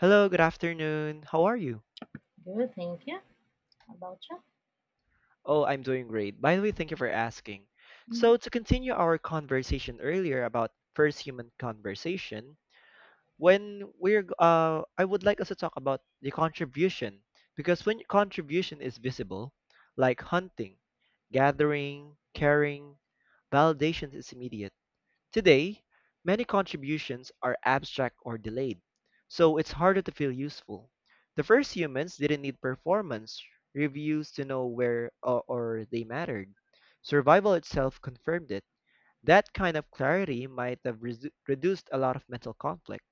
Hello, good afternoon. How are you? Good, thank you. How about you? Oh, I'm doing great. By the way, thank you for asking. Mhm. So, to continue our conversation earlier about first human conversation, I would like us to talk about the contribution because when contribution is visible, like hunting, gathering, caring, validation is immediate. Today, many contributions are abstract or delayed, so it's harder to feel useful. The first humans didn't need performance reviews to know where or they mattered. Survival itself confirmed it. That kind of clarity might have reduced a lot of mental conflict.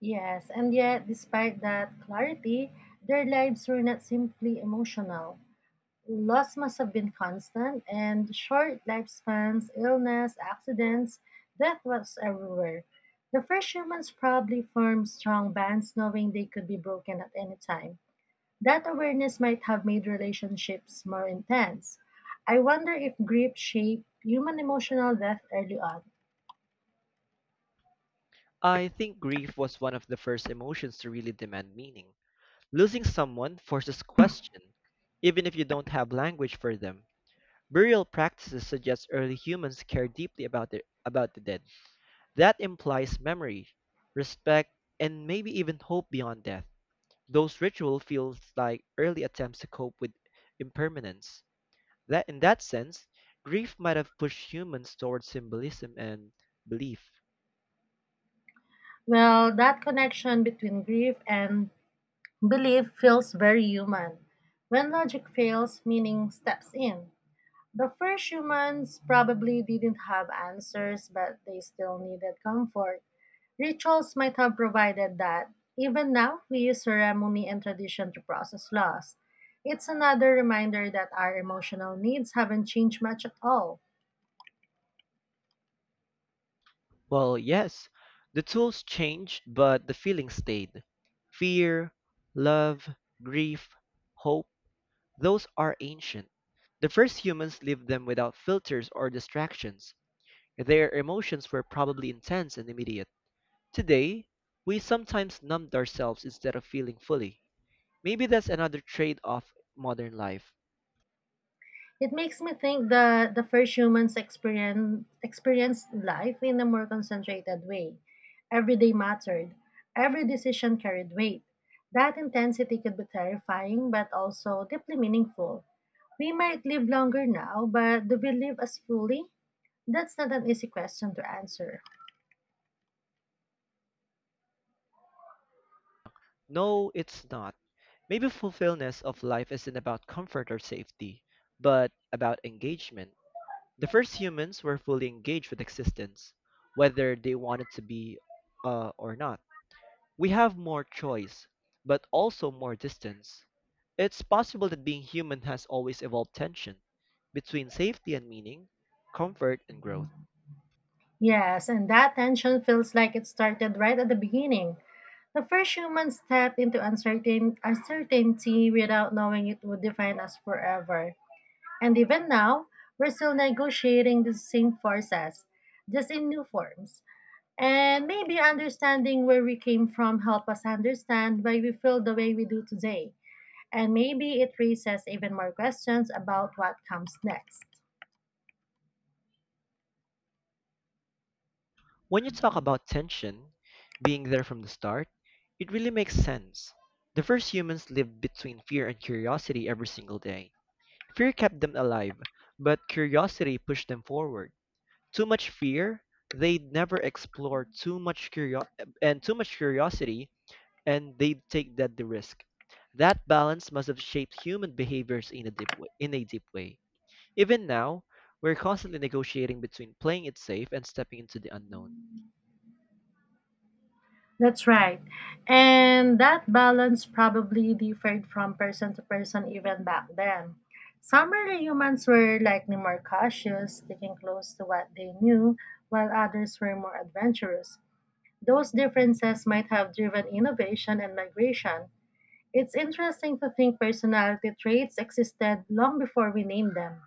Yes, and yet, despite that clarity, their lives were not simply emotional. Loss must have been constant, and short lifespans, illness, accidents, death was everywhere. The first humans probably formed strong bonds, knowing they could be broken at any time. That awareness might have made relationships more intense. I wonder if grief shaped human emotional death early on. I think grief was one of the first emotions to really demand meaning. Losing someone forces question, even if you don't have language for them. Burial practices suggest early humans cared deeply about the dead. That implies memory, respect, and maybe even hope beyond death. Those rituals feels like early attempts to cope with impermanence. That in that sense, grief might have pushed humans towards symbolism and belief. Well, that connection between grief and belief feels very human. When logic fails, meaning steps in. The first humans probably didn't have answers, but they still needed comfort. Rituals might have provided that. Even now, we use ceremony and tradition to process loss. It's another reminder that our emotional needs haven't changed much at all. Well, yes, the tools changed, but the feeling stayed. Fear, love, grief, hope. Those are ancient. The first humans lived them without filters or distractions. Their emotions were probably intense and immediate. Today, we sometimes numbed ourselves instead of feeling fully. Maybe that's another trade of modern life. It makes me think that the first humans experienced life in a more concentrated way. Every day mattered, every decision carried weight. That intensity could be terrifying but also deeply meaningful. We might live longer now, but do we live as fully? That's not an easy question to answer. No, it's not. Maybe fulfillment of life isn't about comfort or safety, but about engagement. The first humans were fully engaged with existence, whether they wanted to be or not. We have more choice, but also more distance. It's possible that being human has always evolved tension between safety and meaning, comfort and growth. Yes, and that tension feels like it started right at the beginning. The first human stepped into uncertainty without knowing it would define us forever. And even now, we're still negotiating the same forces, just in new forms. And maybe understanding where we came from help us understand why we feel the way we do today. And maybe it raises even more questions about what comes next. When you talk about tension, being there from the start, it really makes sense. The first humans lived between fear and curiosity every single day. Fear kept them alive, but curiosity pushed them forward. Too much fear, they'd never explore too much and too much curiosity, and they take that the risk. That balance must have shaped human behaviors in a deep way, in a deep way. Even now, we're constantly negotiating between playing it safe and stepping into the unknown. That's right. And that balance probably differed from person to person even back then. Some early humans were likely more cautious, sticking close to what they knew, while others were more adventurous. Those differences might have driven innovation and migration. It's interesting to think personality traits existed long before we named them.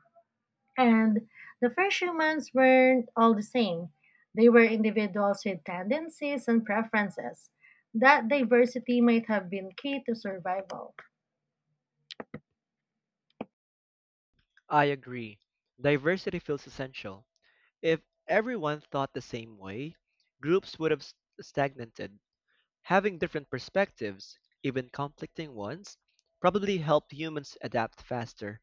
And the first humans weren't all the same. They were individuals with tendencies and preferences. That diversity might have been key to survival. I agree. Diversity feels essential. If everyone thought the same way, groups would have stagnated. Having different perspectives, even conflicting ones, probably helped humans adapt faster.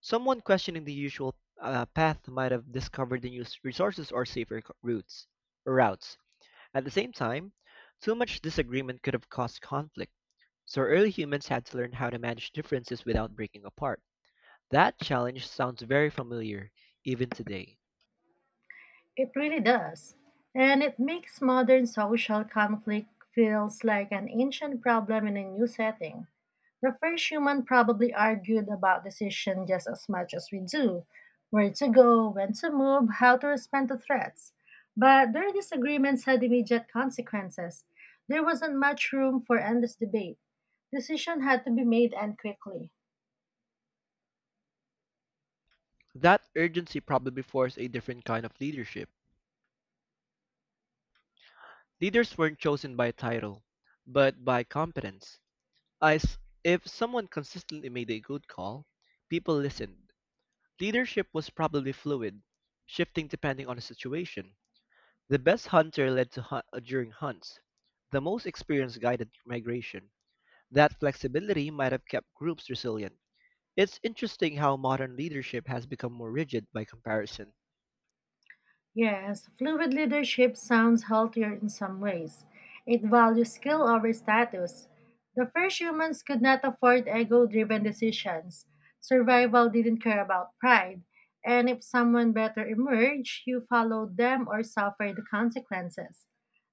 Someone questioning the usual path might have discovered the new resources or safer routes. At the same time, too much disagreement could have caused conflict, so early humans had to learn how to manage differences without breaking apart. That challenge sounds very familiar, even today. It really does. And it makes modern social conflict feels like an ancient problem in a new setting. The first human probably argued about decision just as much as we do, where to go, when to move, how to respond to threats. But their disagreements had immediate consequences. There wasn't much room for endless debate. Decision had to be made and quickly. That urgency probably forced a different kind of leadership. Leaders weren't chosen by title, but by competence. As if someone consistently made a good call, people listened. Leadership was probably fluid, shifting depending on the situation. The best hunter led to hunt during hunts. The most experienced guided migration. That flexibility might have kept groups resilient. It's interesting how modern leadership has become more rigid by comparison. Yes, fluid leadership sounds healthier in some ways. It values skill over status. The first humans could not afford ego driven decisions. Survival didn't care about pride. And if someone better emerged, you followed them or suffered the consequences.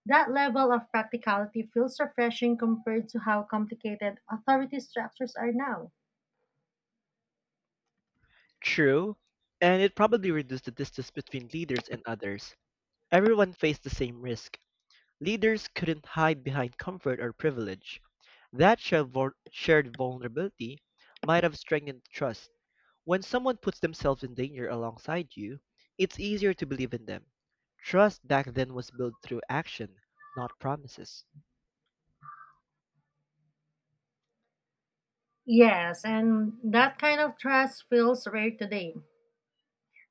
That level of practicality feels refreshing compared to how complicated authority structures are now. True, and it probably reduced the distance between leaders and others. Everyone faced the same risk. Leaders couldn't hide behind comfort or privilege. That shared vulnerability might have strengthened trust. When someone puts themselves in danger alongside you, it's easier to believe in them. Trust back then was built through action, not promises. Yes, and that kind of trust feels rare today.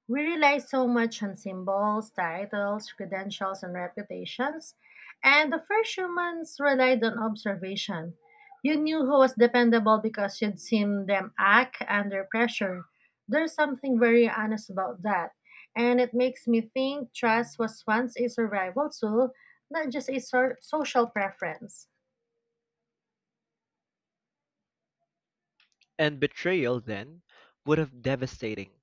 We rely so much on symbols, titles, credentials, and reputations, and the first humans relied on observation. You knew who was dependable because you'd seen them act under pressure. There's something very honest about that, and it makes me think trust was once a survival tool, not just a social preference. And betrayal then would have devastating.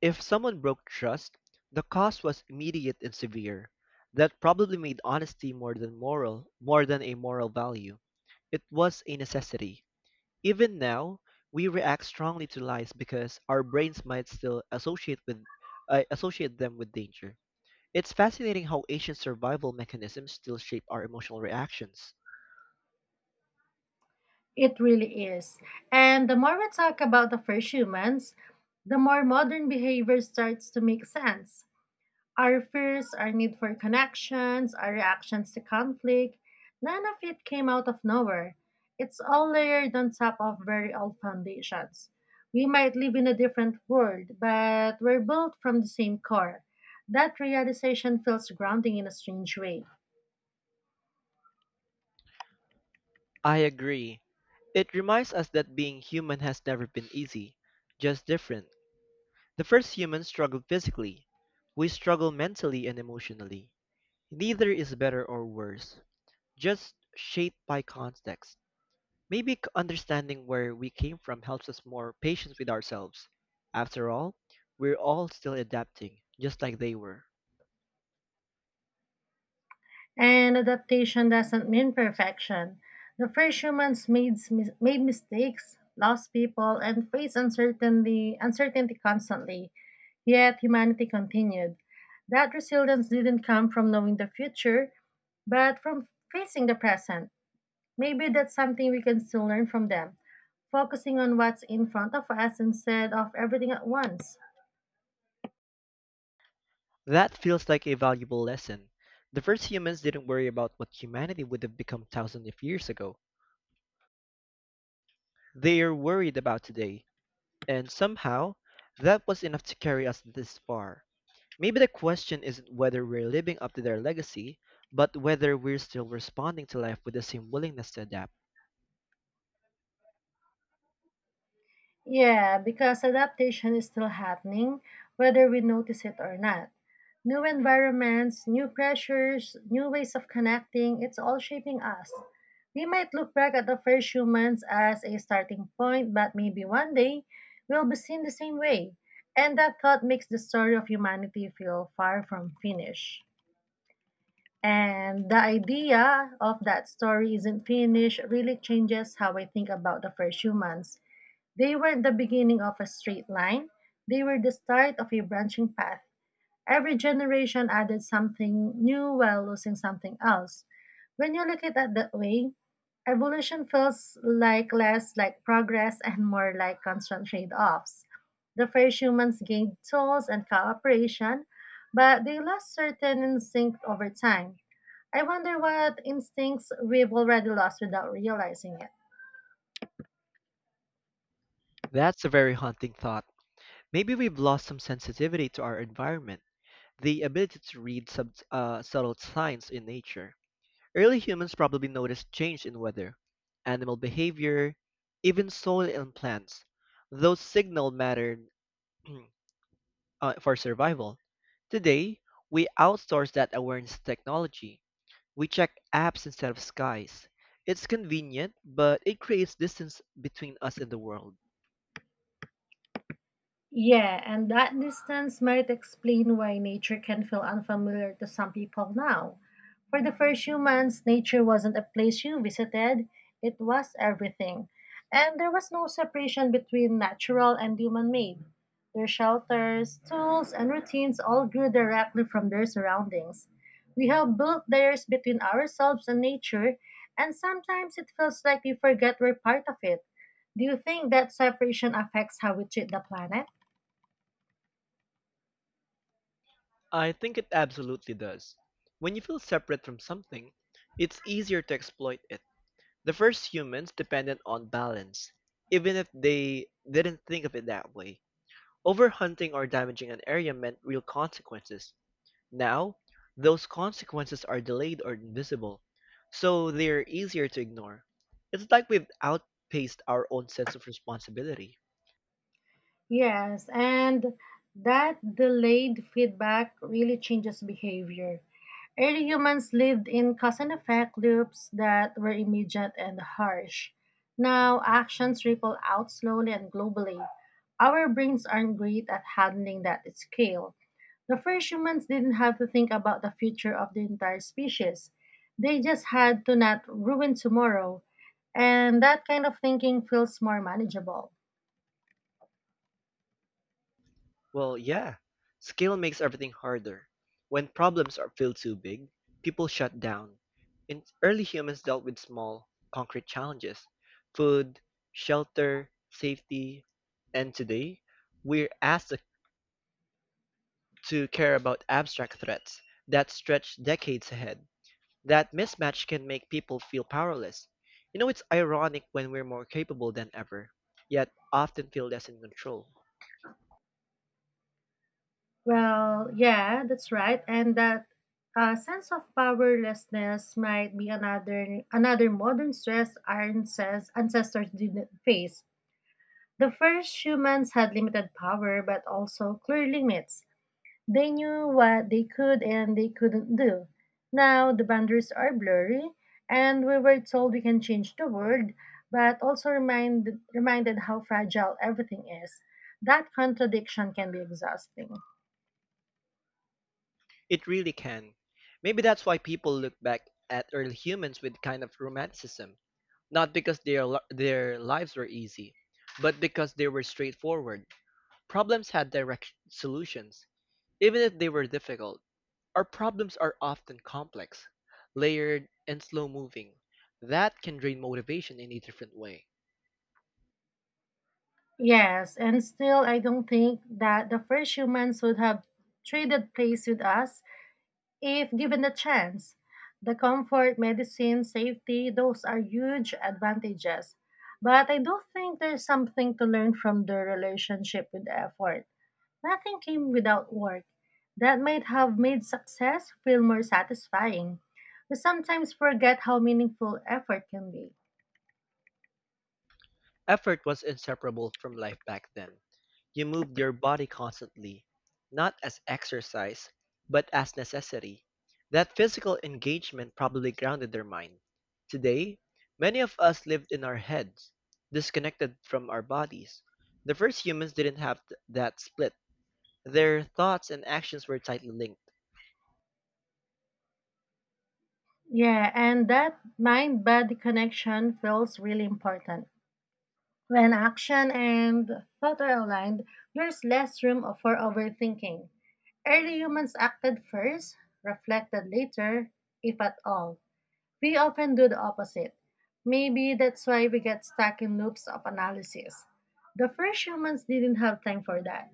If someone broke trust, the cost was immediate and severe. That probably made honesty more than moral, more than a moral value. It was a necessity. Even now, we react strongly to lies because our brains might still associate them with danger. It's fascinating how ancient survival mechanisms still shape our emotional reactions. It really is. And the more we talk about the first humans, the more modern behavior starts to make sense. Our fears, our need for connections, our reactions to conflict, none of it came out of nowhere. It's all layered on top of very old foundations. We might live in a different world, but we're built from the same core. That realization feels grounding in a strange way. I agree. It reminds us that being human has never been easy, just different. The first humans struggled physically. We struggle mentally and emotionally. Neither is better or worse, just shaped by context. Maybe understanding where we came from helps us more patient with ourselves. After all, we're all still adapting, just like they were. And adaptation doesn't mean perfection. The first humans made mistakes, lost people, and faced uncertainty constantly. Yet humanity continued. That resilience didn't come from knowing the future, but from facing the present. Maybe that's something we can still learn from them, focusing on what's in front of us instead of everything at once. That feels like a valuable lesson. The first humans didn't worry about what humanity would have become thousands of years ago. They are worried about today, and somehow, that was enough to carry us this far. Maybe the question isn't whether we're living up to their legacy, but whether we're still responding to life with the same willingness to adapt. Yeah, because adaptation is still happening, whether we notice it or not. New environments, new pressures, new ways of connecting, it's all shaping us. We might look back at the first humans as a starting point, but maybe one day we'll be seen the same way. And that thought makes the story of humanity feel far from finished. And the idea of that story isn't finished really changes how I think about the first humans. They weren't the beginning of a straight line, they were the start of a branching path. Every generation added something new while losing something else. When you look at it that way, evolution feels like less like progress and more like constant trade-offs. The first humans gained tools and cooperation, but they lost certain instinct over time. I wonder what instincts we've already lost without realizing it. That's a very haunting thought. Maybe we've lost some sensitivity to our environment, the ability to read subtle signs in nature. Early humans probably noticed change in weather, animal behavior, even soil and plants. Those signal mattered for survival. Today, we outsource that awareness to technology. We check apps instead of skies. It's convenient, but it creates distance between us and the world. Yeah, and that distance might explain why nature can feel unfamiliar to some people now. For the first humans, nature wasn't a place you visited, it was everything. And there was no separation between natural and human made. Their shelters, tools, and routines all grew directly from their surroundings. We have built layers between ourselves and nature, and sometimes it feels like we forget we're part of it. Do you think that separation affects how we treat the planet? I think it absolutely does. When you feel separate from something, it's easier to exploit it. The first humans depended on balance, even if they didn't think of it that way. Overhunting or damaging an area meant real consequences. Now, those consequences are delayed or invisible, so they're easier to ignore. It's like we've outpaced our own sense of responsibility. Yes, and that delayed feedback really changes behavior. Early humans lived in cause and effect loops that were immediate and harsh. Now, actions ripple out slowly and globally. Our brains aren't great at handling that scale. The first humans didn't have to think about the future of the entire species, they just had to not ruin tomorrow, and that kind of thinking feels more manageable. Well, yeah. Scale makes everything harder. When problems are feel too big, people shut down. In early humans dealt with small, concrete challenges: food, shelter, safety, and today we're asked to care about abstract threats that stretch decades ahead. That mismatch can make people feel powerless. You know, it's ironic when we're more capable than ever, yet often feel less in control. Well, yeah, that's right. And that sense of powerlessness might be another modern stress our ancestors didn't face. The first humans had limited power but also clear limits. They knew what they could and they couldn't do. Now the boundaries are blurry and we were told we can change the world but also reminded how fragile everything is. That contradiction can be exhausting. It really can. Maybe that's why people look back at early humans with kind of romanticism, not because their lives were easy, but because they were straightforward. Problems had direct solutions, even if they were difficult. Our problems are often complex, layered, and slow-moving. That can drain motivation in a different way. Yes, and still, I don't think that the first humans would have traded place with us if given the chance. The comfort, medicine, safety, those are huge advantages. But I do think there's something to learn from their relationship with effort. Nothing came without work. That might have made success feel more satisfying. We sometimes forget how meaningful effort can be. Effort was inseparable from life back then. You moved your body constantly, not as exercise, but as necessity. That physical engagement probably grounded their mind. Today, many of us lived in our heads, disconnected from our bodies. The first humans didn't have that split. Their thoughts and actions were tightly linked. Yeah, and that mind body connection feels really important. When action and thought are aligned, there's less room for overthinking. Early humans acted first, reflected later, if at all. We often do the opposite. Maybe that's why we get stuck in loops of analysis. The first humans didn't have time for that.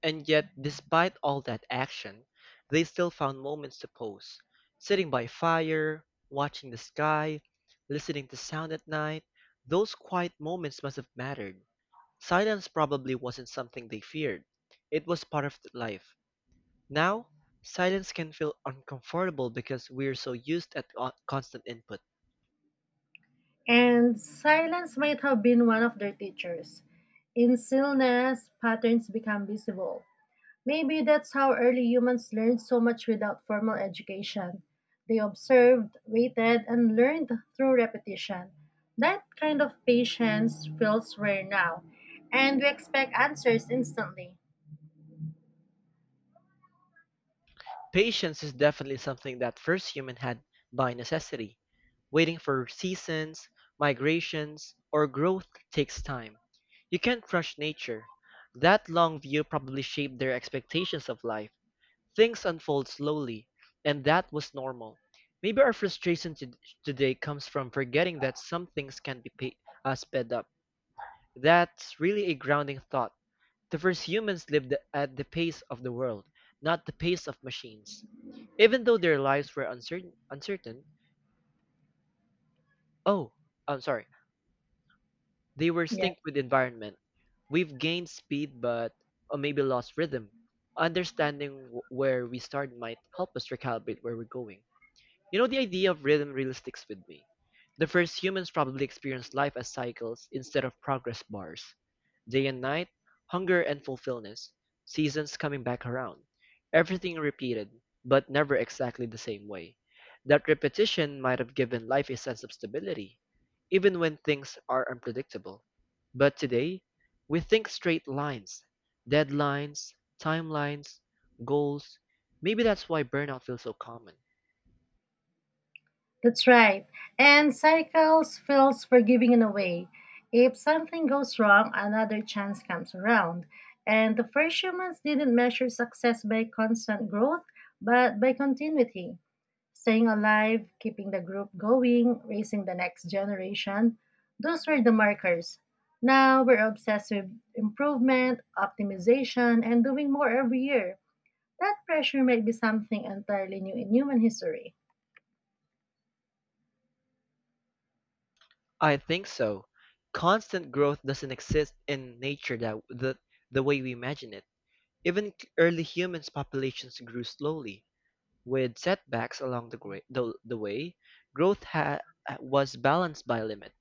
And yet, despite all that action, they still found moments to pose, sitting by fire, watching the sky, listening to sound at night. Those quiet moments must have mattered. Silence probably wasn't something they feared. It was part of life. Now, silence can feel uncomfortable because we're so used at constant input. And silence might have been one of their teachers. In stillness, patterns become visible. Maybe that's how early humans learned so much without formal education. They observed, waited, and learned through repetition. That kind of patience feels rare now, and we expect answers instantly. Patience is definitely something that first human had by necessity. Waiting for seasons, migrations, or growth takes time. You can't rush nature. That long view probably shaped their expectations of life. Things unfold slowly, and that was normal. Maybe our frustration today comes from forgetting that some things can be sped up. That's really a grounding thought. The first humans lived at the pace of the world, not the pace of machines. Even though their lives were uncertain, oh, I'm sorry, they were Yeah, synced with environment. We've gained speed, but or maybe lost rhythm. Understanding where we started might help us recalibrate where we're going. You know, the idea of rhythm really sticks with me. The first humans probably experienced life as cycles instead of progress bars. Day and night, hunger and fulfillment, seasons coming back around. Everything repeated, but never exactly the same way. That repetition might have given life a sense of stability, even when things are unpredictable. But today, we think straight lines, deadlines, timelines, goals. Maybe that's why burnout feels so common. that's right. And cycles feels forgiving in a way. If something goes wrong, another chance comes around. And the first humans didn't measure success by constant growth, but by continuity. Staying alive, keeping the group going, raising the next generation, those were the markers. Now we're obsessed with improvement, optimization, and doing more every year. That pressure might be something entirely new in human history. I think so. Constant growth doesn't exist in nature that the way we imagine it. Even early humans' populations grew slowly, with setbacks along the way. Growth was balanced by limit.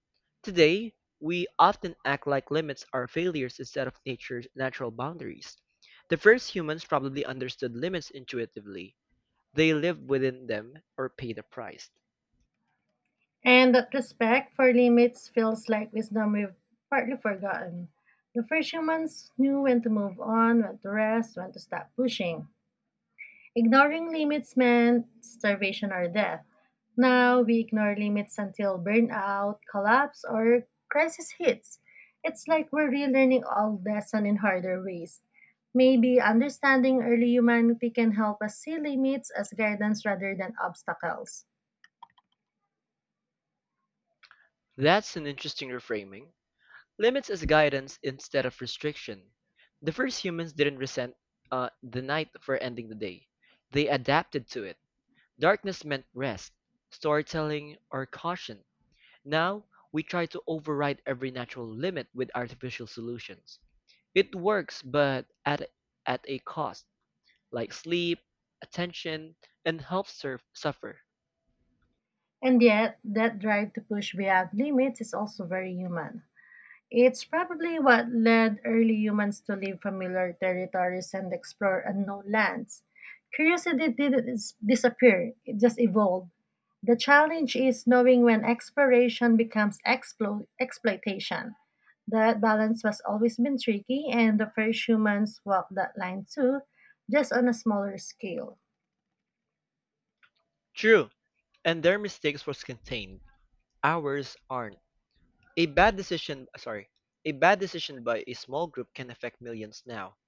Today, we often act like limits are failures instead of nature's natural boundaries. The first humans probably understood limits intuitively. They lived within them or paid a price. And that respect for limits feels like wisdom we've partly forgotten. The first humans knew when to move on, when to rest, when to stop pushing. Ignoring limits meant starvation or death. Now we ignore limits until burnout, collapse, or crisis hits. It's like we're relearning old lesson in harder ways. Maybe understanding early humanity can help us see limits as guidance rather than obstacles. That's an interesting reframing. Limits as guidance instead of restriction. The first humans didn't resent the night for ending the day. They adapted to it. Darkness meant rest, storytelling, or caution. Now, we try to override every natural limit with artificial solutions. It works, but at a cost, like sleep, attention, and health, surf, suffer. And yet, that drive to push beyond limits is also very human. It's probably what led early humans to leave familiar territories and explore unknown lands. Curiosity didn't disappear, it just evolved. The challenge is knowing when exploration becomes exploitation. That balance has always been tricky, and the first humans walked that line too, just on a smaller scale. True, and their mistakes was contained. Ours aren't. A bad decision, sorry, a bad decision by a small group can affect millions now.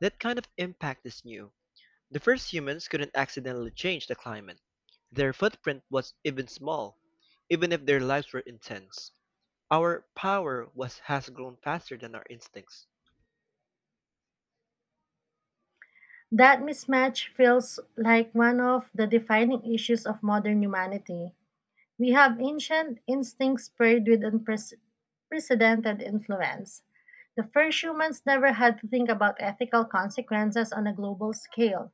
That kind of impact is new. The first humans couldn't accidentally change the climate. Their footprint was even small, even if their lives were intense. Our power was has grown faster than our instincts. That mismatch feels like one of the defining issues of modern humanity. We have ancient instincts paired with unprecedented influence. The first humans never had to think about ethical consequences on a global scale.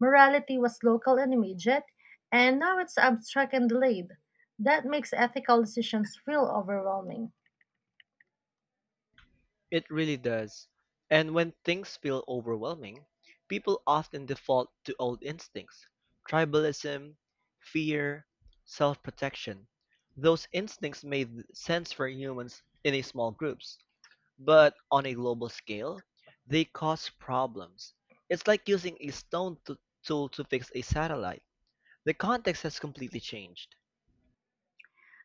Morality was local and immediate, and now it's abstract and delayed. That makes ethical decisions feel overwhelming. It really does. And when things feel overwhelming, people often default to old instincts: tribalism, fear, self protection. Those instincts made sense for humans in a small groups, but on a global scale, they cause problems. It's like using a tool to fix a satellite. The context has completely changed.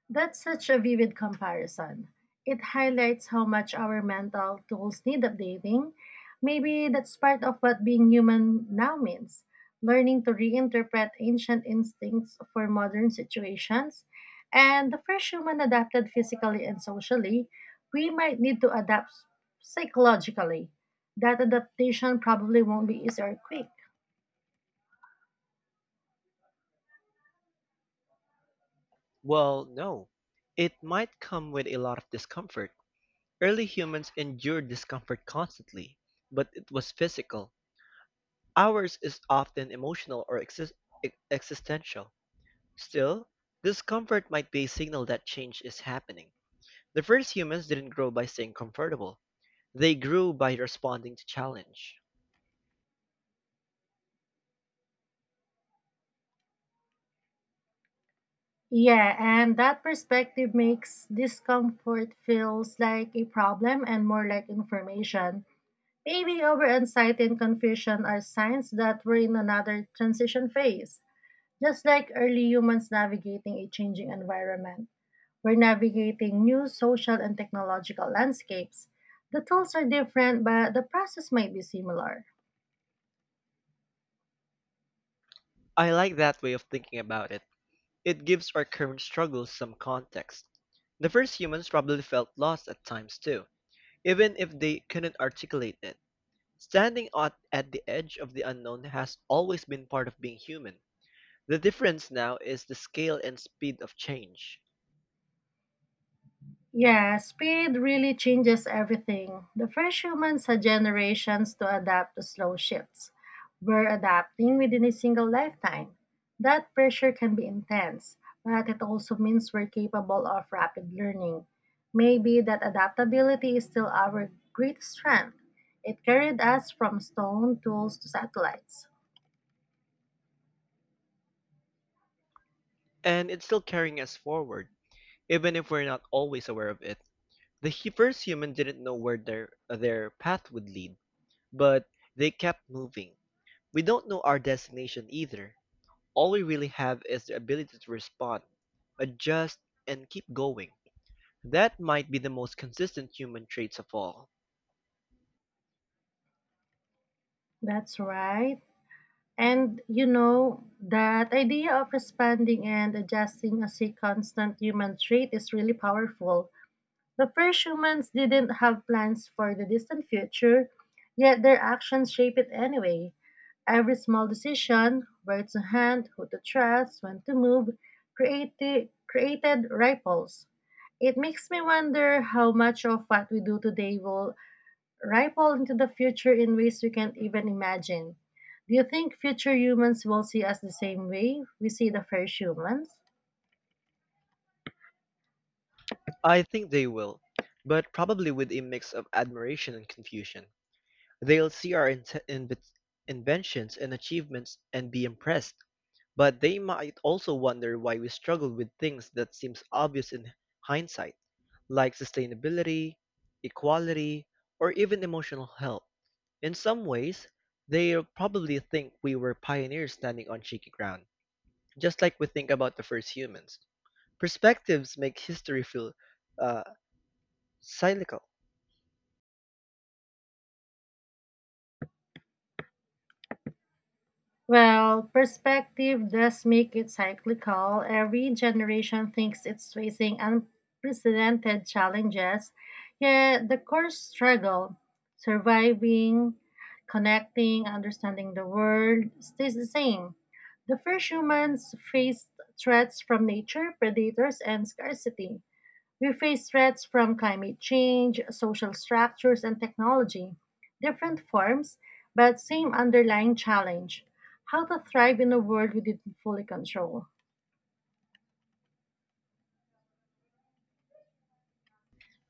That's such a vivid comparison. It highlights how much our mental tools need updating. Maybe that's part of what being human now means, learning to reinterpret ancient instincts for modern situations. And the first human adapted physically and socially, we might need to adapt psychologically. That adaptation probably won't be easy or quick. Well, no. It might come with a lot of discomfort. Early humans endured discomfort constantly, but it was physical. Ours is often emotional or existential. Still, discomfort might be a signal that change is happening. The first humans didn't grow by staying comfortable. They grew by responding to challenge. Yeah, and that perspective makes discomfort feels like a problem and more like information. Maybe over anxiety and confusion are signs that we're in another transition phase. Just like early humans navigating a changing environment, we're navigating new social and technological landscapes. The tools are different, but the process might be similar. I like that way of thinking about it. It gives our current struggles some context. The first humans probably felt lost at times too, even if they couldn't articulate it. Standing at the edge of the unknown has always been part of being human. The difference now is the scale and speed of change. Yeah, speed really changes everything. The first humans had generations to adapt to slow shifts. We're adapting within a single lifetime. That pressure can be intense, but it also means we're capable of rapid learning. Maybe that adaptability is still our great strength. It carried us from stone tools to satellites. And it's still carrying us forward, even if we're not always aware of it. The first human didn't know where their path would lead, but they kept moving. We don't know our destination either. All we really have is the ability to respond, adjust, and keep going. That might be the most consistent human traits of all. That's right. And you know, that idea of expanding and adjusting as a constant human trait is really powerful. The first humans didn't have plans for the distant future, yet their actions shape it anyway. Every small decision, where to hand, who to trust, when to move, created ripples. It makes me wonder how much of what we do today will ripple into the future in ways we can't even imagine. Do you think future humans will see us the same way we see the first humans? I think they will, but probably with a mix of admiration and confusion. They'll see our inventions and achievements and be impressed, but they might also wonder why we struggle with things that seems obvious in hindsight, like sustainability, equality, or even emotional health. In some ways, they probably think we were pioneers standing on shaky ground, just like we think about the first humans. Perspectives make history feel uh, cyclical. Well, perspective does make it cyclical. Every generation thinks it's facing unprecedented challenges, yet the core struggle, surviving, connecting, understanding the world, stays the same. The first humans faced threats from nature, predators, and scarcity. We face threats from climate change, social structures, and technology. Different forms, but same underlying challenge, how to thrive in a world we didn't fully control.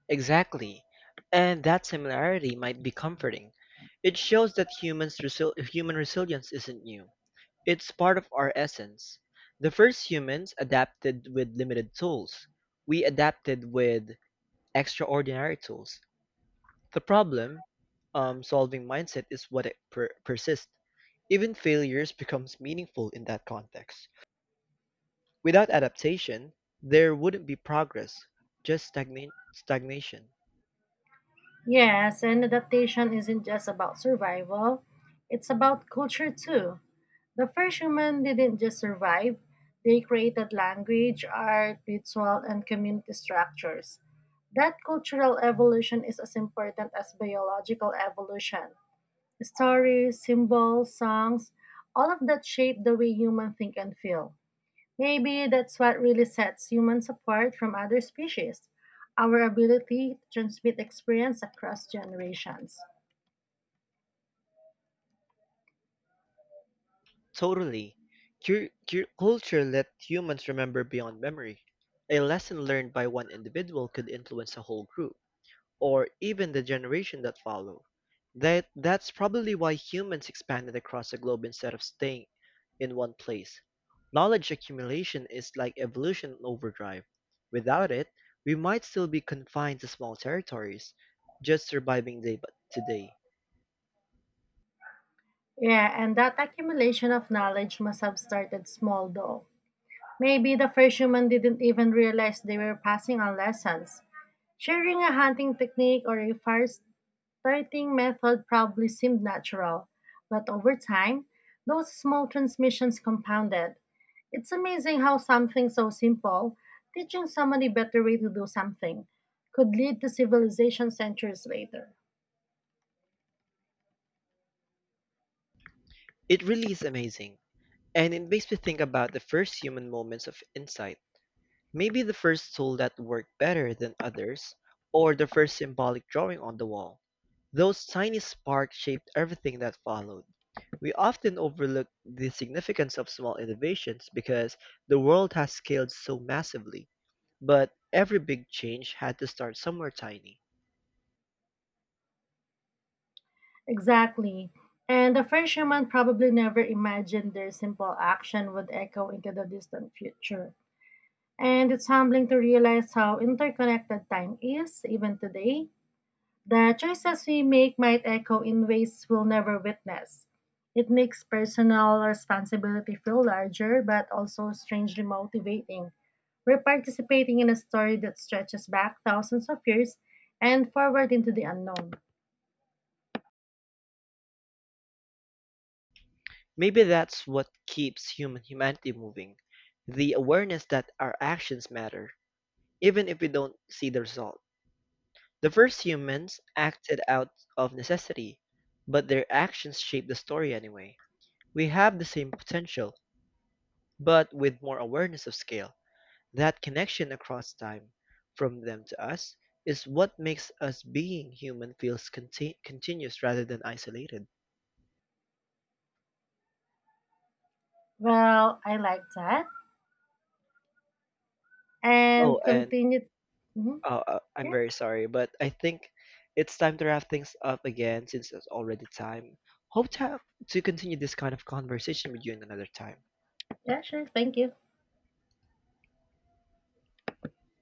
Exactly. And that similarity might be comforting. It shows that human resilience isn't new. It's part of our essence. The first humans adapted with limited tools. We adapted with extraordinary tools. The problem solving mindset is what it persists. Even failures becomes meaningful in that context. Without adaptation, there wouldn't be progress, just stagnation. Yes, and adaptation isn't just about survival, it's about culture too. The first human didn't just survive, they created language, art, ritual, and community structures. That cultural evolution is as important as biological evolution. Stories, symbols, songs, all of that shape the way humans think and feel. Maybe that's what really sets humans apart from other species, our ability to transmit experience across generations. Totally. Culture let humans remember beyond memory. A lesson learned by one individual could influence a whole group, or even the generation that follow. That's probably why humans expanded across the globe instead of staying in one place. Knowledge accumulation is like evolution in overdrive. Without it, we might still be confined to small territories, just surviving day by today. Yeah, and that accumulation of knowledge must have started small though. Maybe the first human didn't even realize they were passing on lessons. Sharing a hunting technique or a fire parenting method probably seemed natural, but over time, those small transmissions compounded. It's amazing how something so simple, teaching someone a better way to do something, could lead to civilization centuries later. It really is amazing, and it makes me think about the first human moments of insight. Maybe the first tool that worked better than others, or the first symbolic drawing on the wall. Those tiny sparks shaped everything that followed. We often overlook the significance of small innovations because the world has scaled so massively, but every big change had to start somewhere tiny. Exactly. And the first human probably never imagined their simple action would echo into the distant future. And it's humbling to realize how interconnected time is, even today. The choices we make might echo in ways we'll never witness. It makes personal responsibility feel larger, but also strangely motivating. We're participating in a story that stretches back thousands of years and forward into the unknown. Maybe that's what keeps humanity moving, the awareness that our actions matter, even if we don't see the result. The first humans acted out of necessity, but their actions shaped the story anyway. We have the same potential. But with more awareness of scale, that connection across time, from them to us, is what makes us being human feels continuous rather than isolated. Well, I like that. Oh, And and continue. Mhm. I'm Yeah, very sorry, but I think it's time to wrap things up again since it's already time. Hope to continue this kind of conversation with you in another time. yeah, sure. Thank you.